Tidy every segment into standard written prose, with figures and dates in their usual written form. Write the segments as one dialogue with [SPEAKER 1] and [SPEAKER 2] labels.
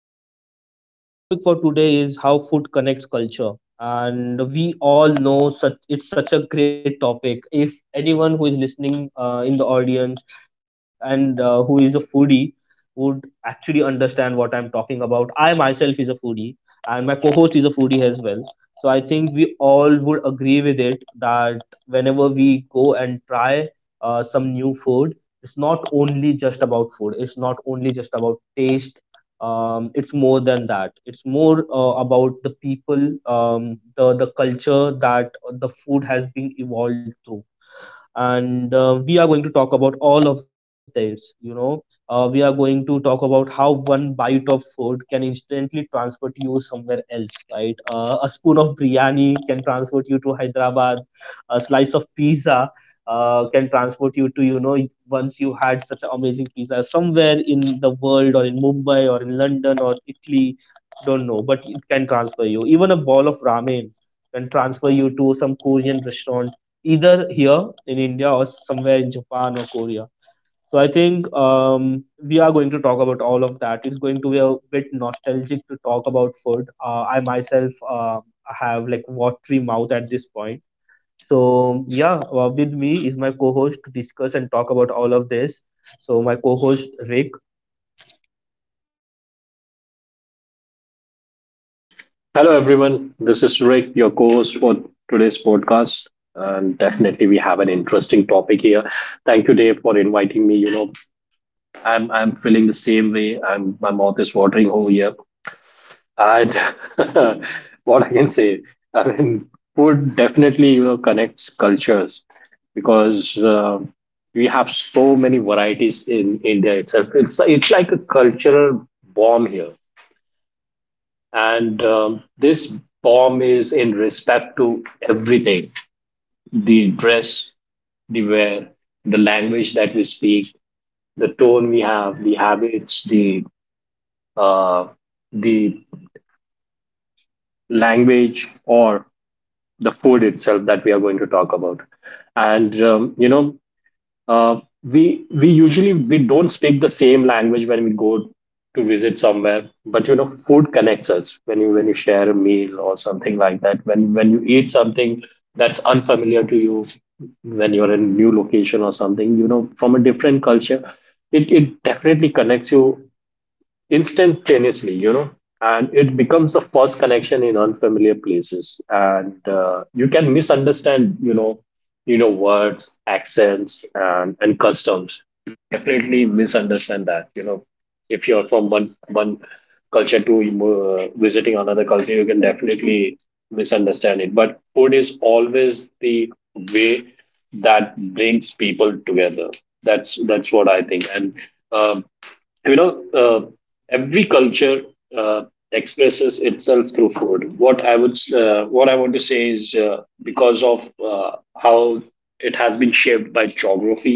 [SPEAKER 1] podcast. The topic for today is how food connects culture. And we all know it's such a great topic. If anyone who is listening in the audience and who is a foodie would actually understand what I'm talking about. I myself is a foodie and my co-host is a foodie as well. So I think we all would agree with it that whenever we go and try some new food, it's not only just about food, it's not only just about taste. It's more than that. It's more about the people, the culture that the food has been evolved through. And we are going to talk about all of this. We are going to talk about how one bite of food can instantly transport you somewhere else, right? A spoon of biryani can transport you to Hyderabad. A slice of pizza can transport you to, once you had such an amazing pizza somewhere in the world or in Mumbai or in London or Italy, don't know, but it can transfer you. Even a bowl of ramen can transfer you to some Korean restaurant, either here in India or somewhere in Japan or Korea. So I think we are going to talk about all of that. It's going to be a bit nostalgic to talk about food. I myself have like watery mouth at this point. So yeah, with me is my co-host to discuss and talk about all of this. So my co-host Rick.
[SPEAKER 2] Hello, everyone. This is Rick, your co host for today's podcast. And definitely, we have an interesting topic here. Thank you, Dave, for inviting me. I'm feeling the same way. I'm my mouth is watering over here. And what I can say, I mean, food definitely connects cultures because we have so many varieties in India itself. It's like a cultural bomb here, and this bomb is in respect to everything: the dress we wear, the language that we speak, the tone we have, the habits, uh, the language, or the food itself that we are going to talk about. And, you know, we usually we don't speak the same language when we go to visit somewhere, but you know, food connects us when you share a meal or something like that. When you eat something that's unfamiliar to you, when you're in a new location or something, you know, from a different culture, it definitely connects you instantaneously, you know, and it becomes a first connection in unfamiliar places, and you can misunderstand, you know words, accents, and customs. Definitely misunderstand that, you know, if you're from one culture to visiting another culture, you can definitely misunderstand it. But food is always the way that brings people together. That's what I think, and. Um, you know Every culture uh, expresses itself through food. What I want to say is, because of how it has been shaped by geography,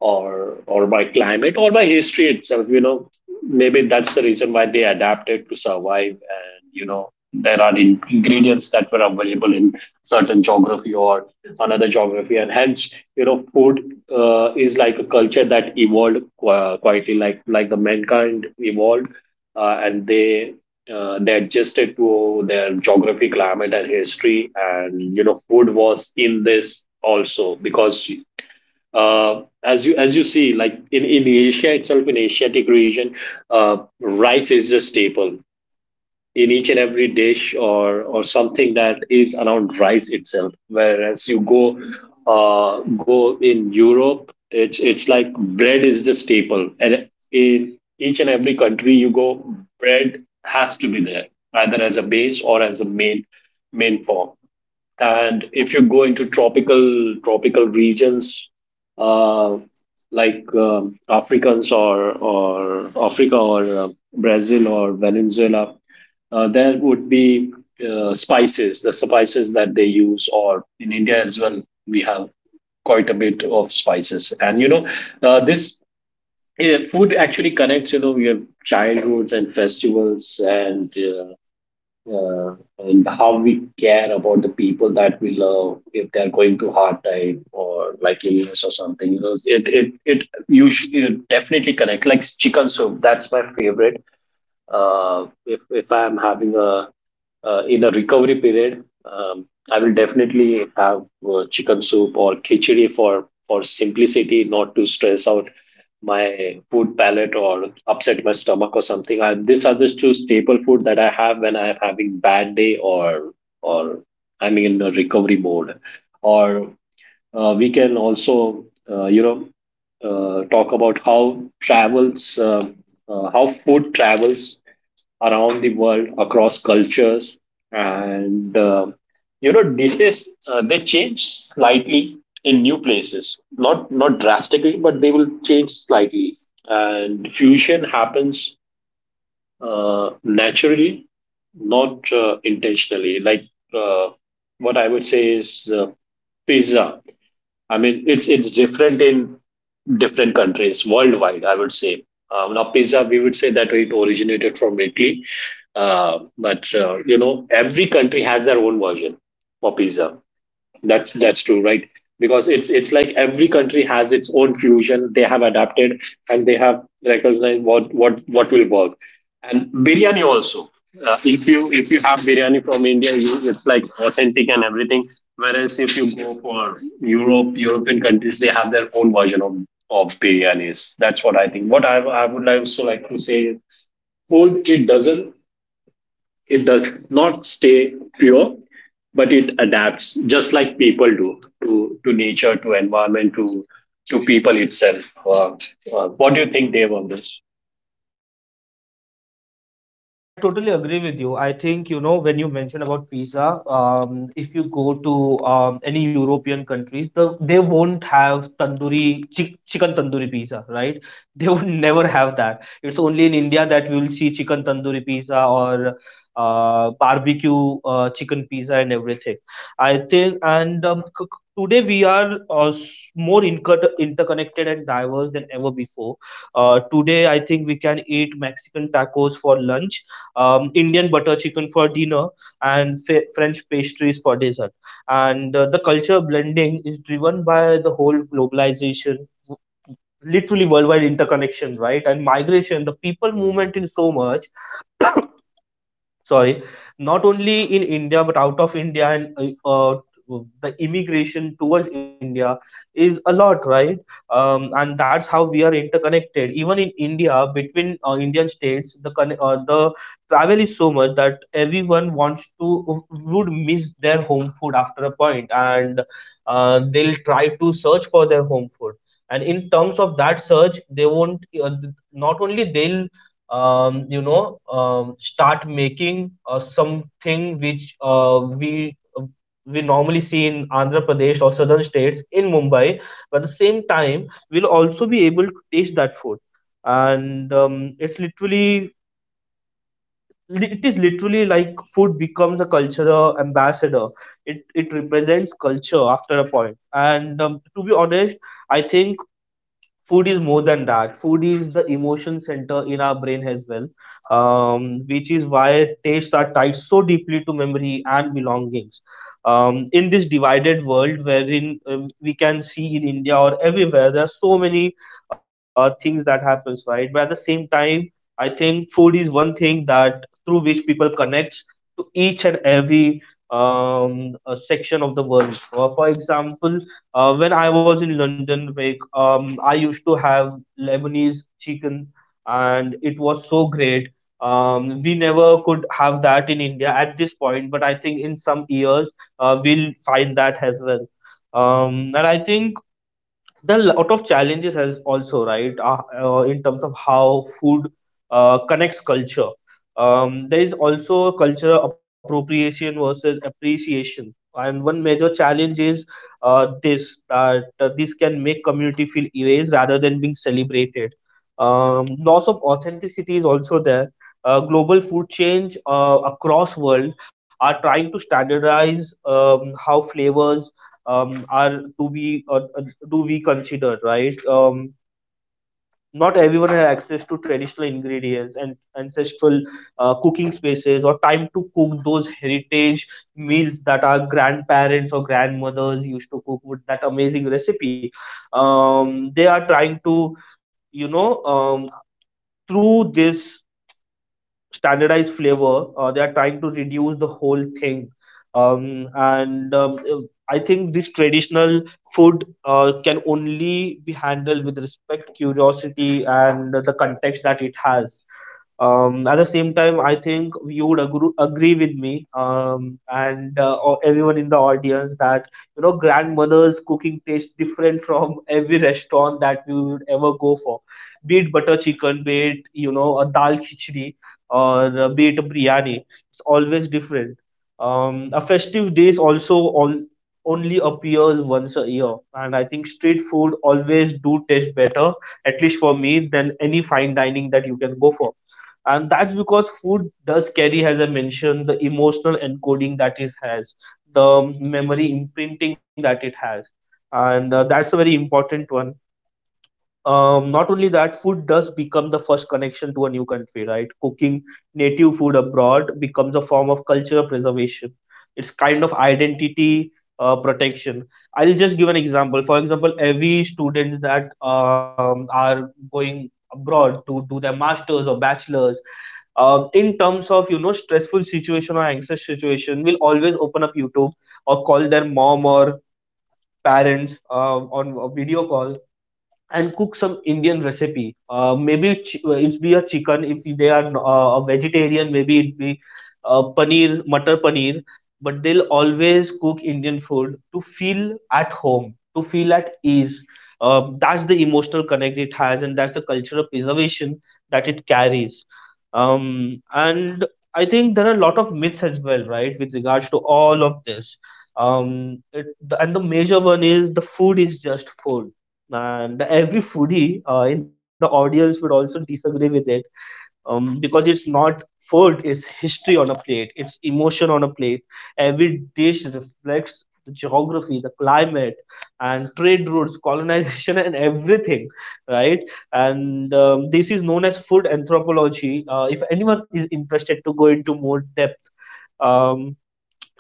[SPEAKER 2] or by climate, or by history itself, you know. Maybe that's the reason why they adapted to survive, and you know there are ingredients that were available in certain geography or another geography, and hence, you know, food is like a culture that evolved quietly, like the mankind evolved, and they adjusted to their geography, climate, and history. And you know food was in this also because, as you see, like in Asia itself, in Asiatic region, rice is a staple in each and every dish, or something that is around rice itself. Whereas you go in Europe, it's like bread is the staple, and in each and every country you go, bread has to be there, either as a base or as a main form. And if you go into tropical regions, uh, like africans, or africa, or brazil or venezuela, there would be spices that they use, or in india as well, we have quite a bit of spices. And you know, this food actually connects, you know, your childhoods and festivals, and and how we care about the people that we love if they're going through hard time or like illness or something, you know. You definitely connect, like chicken soup. That's my favorite. If I am having a in a recovery period, I will definitely have chicken soup or khichdi, for simplicity, not to stress out my food palate or upset my stomach or something. These are the two staple food that I have when I'm having bad day, or I'm in a recovery mode. Or we can also uh, you know talk about how travels how food travels around the world across cultures. And You know, dishes they change slightly in new places, not drastically, but they will change slightly, and fusion happens naturally, not intentionally. Like uh, what i would say is, pizza, I mean it's different in different countries worldwide, I would say. Now, pizza, we would say that it originated from Italy, but you know, every country has their own version for pizza. That's true, right? Because it's like every country has its own fusion. They have adapted and they have recognized what what will work. And biryani also. If you have biryani from India, you, it's like authentic and everything. Whereas if you go for Europe, European countries, they have their own version of biryanis. That's what I think. What I would also like to say, food it doesn't, it does not stay pure, but it adapts just like people do, to nature, to environment, to people itself. What do you think, Dave, on this?
[SPEAKER 1] I totally agree with you. I think, you know, when you mention about pizza, if you go to any European countries, they won't have chicken tandoori pizza, right? They would never have that. It's only in India that we will see chicken tandoori pizza or barbecue chicken pizza and everything. I think, and today we are more interconnected and diverse than ever before. Today, I think we can eat Mexican tacos for lunch, Indian butter chicken for dinner, and French pastries for dessert. And the culture blending is driven by the whole globalization, literally worldwide interconnection, right? And migration, the people movement in so much, sorry, not only in India but out of India. And the immigration towards India is a lot, right? And that's how we are interconnected even in India between Indian states. The travel is so much that everyone wants to would miss their home food after a point, and they'll try to search for their home food. And in terms of that search, they won't not only they'll start making something which we normally see in Andhra Pradesh or southern states in Mumbai. But at the same time, we'll also be able to taste that food, and it's literally, it is literally like food becomes a cultural ambassador. It represents culture after a point. And to be honest, I think food is more than that. Food is the emotion center in our brain as well, which is why tastes are tied so deeply to memory and belongings. In this divided world wherein we can see in India or everywhere, there are so many things that happens, right? But at the same time, I think food is one thing that through which people connect to each and every section of the world. For example, when I was in London, like I used to have Lebanese chicken, and it was so great. We never could have that in India at this point, but I think in some years we'll find that as well. And I think there are lot of challenges as also, right? In terms of how food connects culture, there is also cultural appropriation versus appreciation, and one major challenge is this can make community feel erased rather than being celebrated. Loss of authenticity is also there. Global food change across world are trying to standardize how flavors are to be do we consider, right? Not everyone has access to traditional ingredients and ancestral cooking spaces or time to cook those heritage meals that our grandparents or grandmothers used to cook with that amazing recipe. They are trying to, you know um, through this, standardized flavor. They are trying to reduce the whole thing. And I think this traditional food can only be handled with respect, curiosity, and the context that it has. At the same time, I think you would agree with me, and or everyone in the audience, that you know grandmother's cooking tastes different from every restaurant that we would ever go for, be it butter chicken, be it you know a dal khichdi, or be it a biryani. It's always different. A festive dish also all only appears once a year, and I think street food always do taste better, at least for me, than any fine dining that you can go for. And that's because food does carry, as I mentioned, the emotional encoding that it has, the memory imprinting that it has. And that's a very important one. Not only that, food does become the first connection to a new country, right? Cooking native food abroad becomes a form of cultural preservation. It's kind of identity protection. I'll just give an example. For example, every students that are going abroad to do their masters or bachelors, in terms of you know stressful situation or anxious situation, will always open up YouTube or call their mom or parents on a video call and cook some Indian recipe. Maybe it be a chicken if they are a vegetarian. Maybe it be paneer, mutter paneer. But they'll always cook Indian food to feel at home, to feel at ease. That's the emotional connect it has, and that's the cultural preservation that it carries. And I think there are a lot of myths as well, right, with regards to all of this. And the major one is the food is just food, and every foodie in the audience would also disagree with it, because it's not food, it's history on a plate, it's emotion on a plate. Every dish reflects the geography, the climate, and trade routes, colonization and everything, right? And this is known as food anthropology, if anyone is interested to go into more depth. um,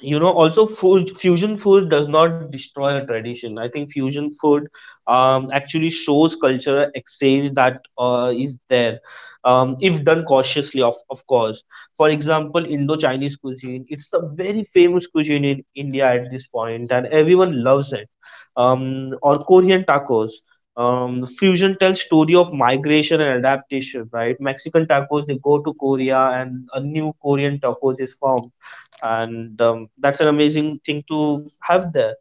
[SPEAKER 1] you know also food fusion, food does not destroy a tradition. I think fusion food actually shows cultural exchange that is there, if done cautiously, of course. For example, Indo-Chinese cuisine, it's a very famous cuisine in India at this point and everyone loves it, or Korean tacos. Fusion tells story of migration and adaptation, right? Mexican tacos, they go to Korea and a new Korean tacos is formed, and that's an amazing thing to have there.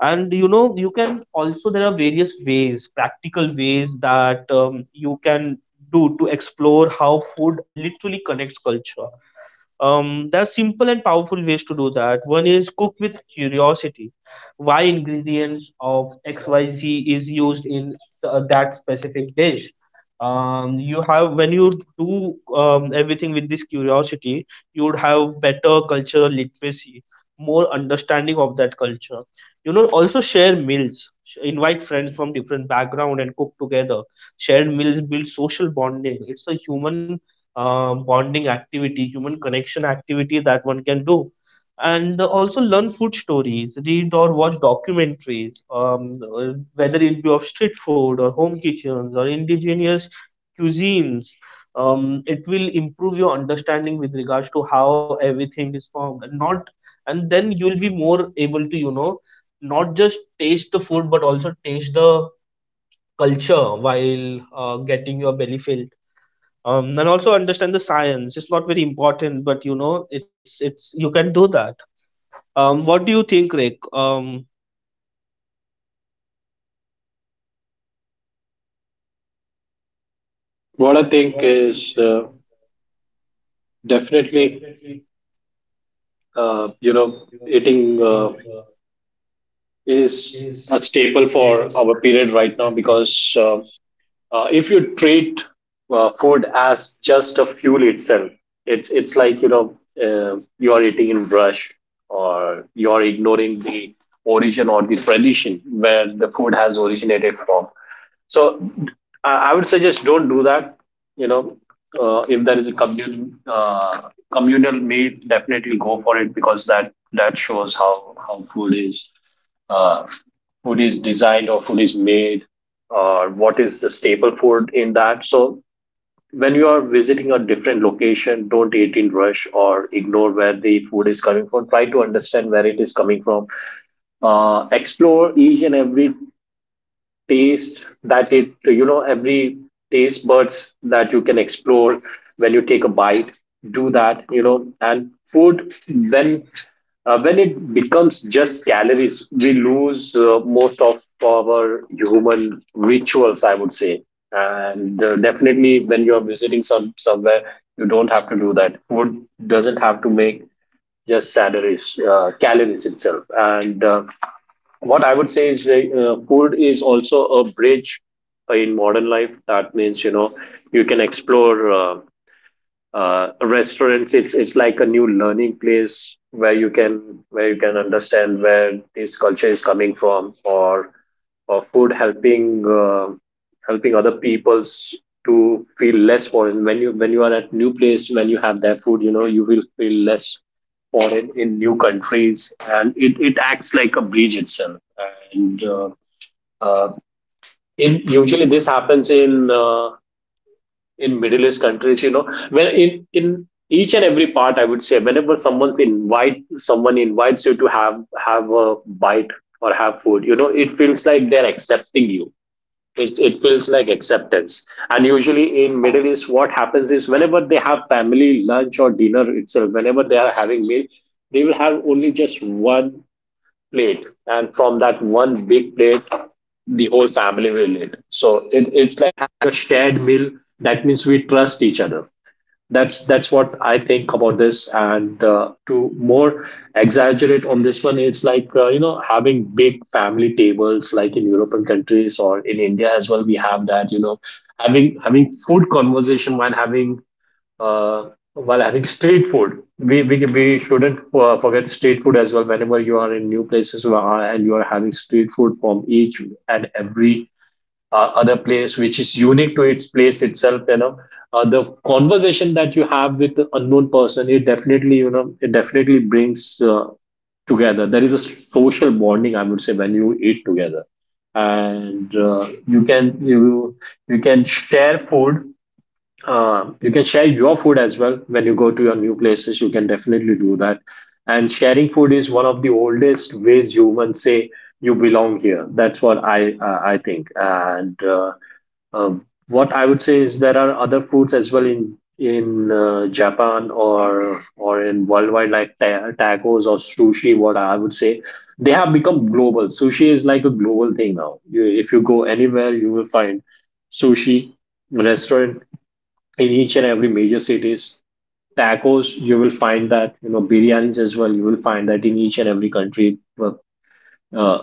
[SPEAKER 1] And you know you can also, there are various ways, practical ways, that you can do to explore how food literally connects culture. There are simple and powerful ways to do that. One is cook with curiosity. Why ingredients of XYZ is used in that specific dish? You have, when you do everything with this curiosity, you would have better cultural literacy, more understanding of that culture. You know also share meals. Invite friends from different background and cook together. Shared meals build social bonding. It's a human bonding activity, human connection activity that one can do. And also learn food stories, read or watch documentaries, uh, whether it be of street food or home kitchens or indigenous cuisines. It will improve your understanding with regards to how everything is formed and not, and then you will be more able to you know not just taste the food but also taste the culture while getting your belly filled. And also understand the science. It's not very important, but you know it's you can do that. What do you think, Rick?
[SPEAKER 2] What I think
[SPEAKER 1] What I
[SPEAKER 2] is,
[SPEAKER 1] think is
[SPEAKER 2] definitely,
[SPEAKER 1] definitely,
[SPEAKER 2] uh, you
[SPEAKER 1] uh,
[SPEAKER 2] know,
[SPEAKER 1] you know,
[SPEAKER 2] eating uh,
[SPEAKER 1] eating uh,
[SPEAKER 2] is a
[SPEAKER 1] is
[SPEAKER 2] staple
[SPEAKER 1] a
[SPEAKER 2] for
[SPEAKER 1] staple
[SPEAKER 2] our
[SPEAKER 1] for.
[SPEAKER 2] period right now. Because uh, Uh, if you treat food as just a fuel itself, it's like, you know, you are eating in brush, or you are ignoring the origin or the tradition where the food has originated from. So I would suggest don't do that. You know, if there is a communal meal, definitely go for it, because that shows how food is, uh, food is designed, or food is made, or what is the staple food in that. So when you are visiting a different location, don't eat in rush or ignore where the food is coming from. Try to understand where it is coming from. Explore each and every taste that it, you know, every taste buds that you can explore when you take a bite. Do that, you know. And food, when when it becomes just calories, we lose most of our human rituals, I would say. And definitely when you're visiting somewhere, you don't have to do that. Food doesn't have to make just calories itself. And what I would say is, like, food is also a bridge in modern life. That means, you know, you can explore. Restaurants, it's like a new learning place where you can, where you can understand where this culture is coming from. Or food helping, helping other peoples to feel less foreign. When you are at new place, when you have their food, you know, you will feel less foreign in new countries, and it acts like a bridge itself. and uh, uh, Usually this happens in Middle East countries. You know, when in each and every part, I would say, whenever someone invites you to have a bite or have food, you know, it feels like they're accepting you. It feels like acceptance. And usually in Middle East, what happens is, whenever they have family lunch or dinner itself, whenever they are having meal, they will have only just one plate, and from that one big plate, the whole family will eat. So it's like a shared meal. That means we trust each other. That's what I think about this. And to more exaggerate on this one, it's like, you know, having big family tables, like in European countries or in India as well. We have that. You know, having food conversation while having street food. We shouldn't forget street food as well. Whenever you are in new places who and you are having street food from each and every other place, which is unique to its place itself, you know, the conversation that you have with the unknown person, it definitely, you know, it definitely brings together. There is a social bonding, I would say, when you eat together, and you can share food, you can share your food as well when you go to your new places. You can definitely do that. And sharing food is one of the oldest ways humans say you belong here. That's what I think. And what I would say is, there are other foods as well in Japan, or in worldwide, like tacos or sushi. What I would say, they have become global. Sushi is like a global thing now. You, if you go anywhere, you will find sushi restaurant in each and every major cities. Tacos, you will find that, you know, biryanis as well, you will find that in each and every country. Uh,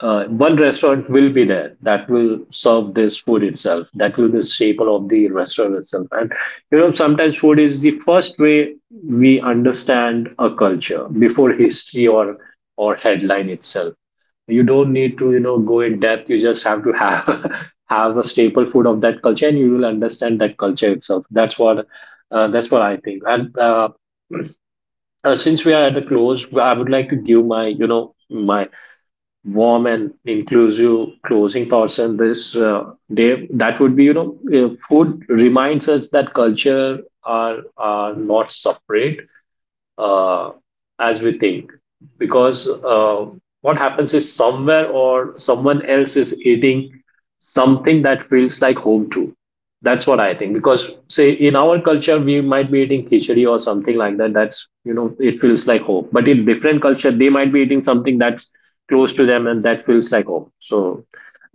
[SPEAKER 2] One restaurant will be there that will serve this food itself. That will be the staple of the restaurant itself. And, you know, sometimes food is the first way we understand a culture before history or headline itself. You don't need to, you know, go in depth. You just have to have have a staple food of that culture, and you will understand that culture itself. That's what I think. And since we are at the close, I would like to give my, you know, my warm and inclusive closing thoughts on this day. That would be, you know, food reminds us that culture are not separate uh, as we think, because what happens is somewhere or someone else is eating something that feels like home to. That's what I think, because say in our culture we might be eating khichdi or something like that. That's, you know, it feels like home, but in different culture they might be eating something that's close to them and that feels like home. So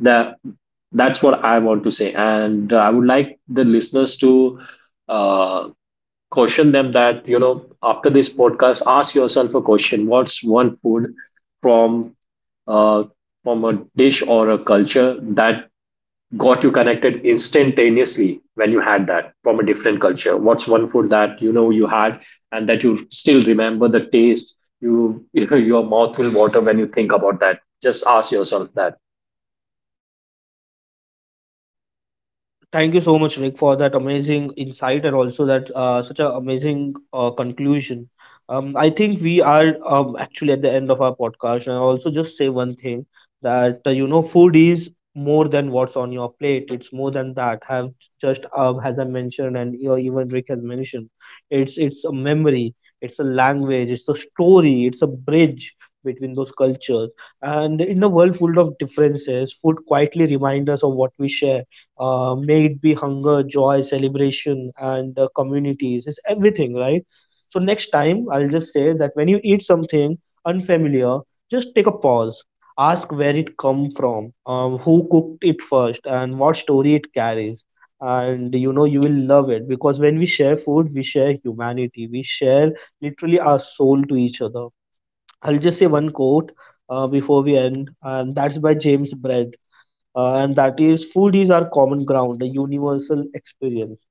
[SPEAKER 2] that, that's what I want to say. And I would like the listeners to uh, caution them that, you know, after this podcast, ask yourself a question. What's one food from uh, from a dish or a culture that got you connected instantaneously when you had that from a different culture? What's one food that, you know, you had, and that you still remember the taste? You, you your mouth will water when you think about that. Just ask yourself that.
[SPEAKER 1] Thank you so much, Rick, for that amazing insight and also that such an amazing conclusion. I think we are actually at the end of our podcast, and I also just say one thing that you know, food is more than what's on your plate. It's more than that. Have just As I mentioned, and you know, even Rick has mentioned, it's a memory, it's a language, it's a story, it's a bridge between those cultures. And in a world full of differences, food quietly reminds us of what we share, may it be hunger, joy, celebration, and communities. It's everything, right? So next time, I'll just say that when you eat something unfamiliar, just take a pause. Ask where it come from, who cooked it first, and what story it carries. And you know you will love it, because when we share food, we share humanity. We share literally our soul to each other. I'll just say one quote before we end, and that's by James Bread, and that is "Food is our common ground, a universal experience."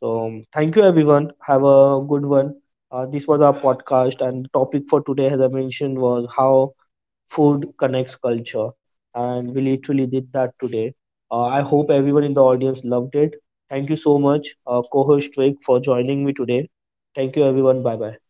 [SPEAKER 1] So, thank you everyone. Have a good one. This was our podcast, and the topic for today, as I mentioned, was how food connects culture, and we literally did that today. I hope everyone in the audience loved it. Thank you so much, co-host Drake, for joining me today. Thank you, everyone. Bye bye.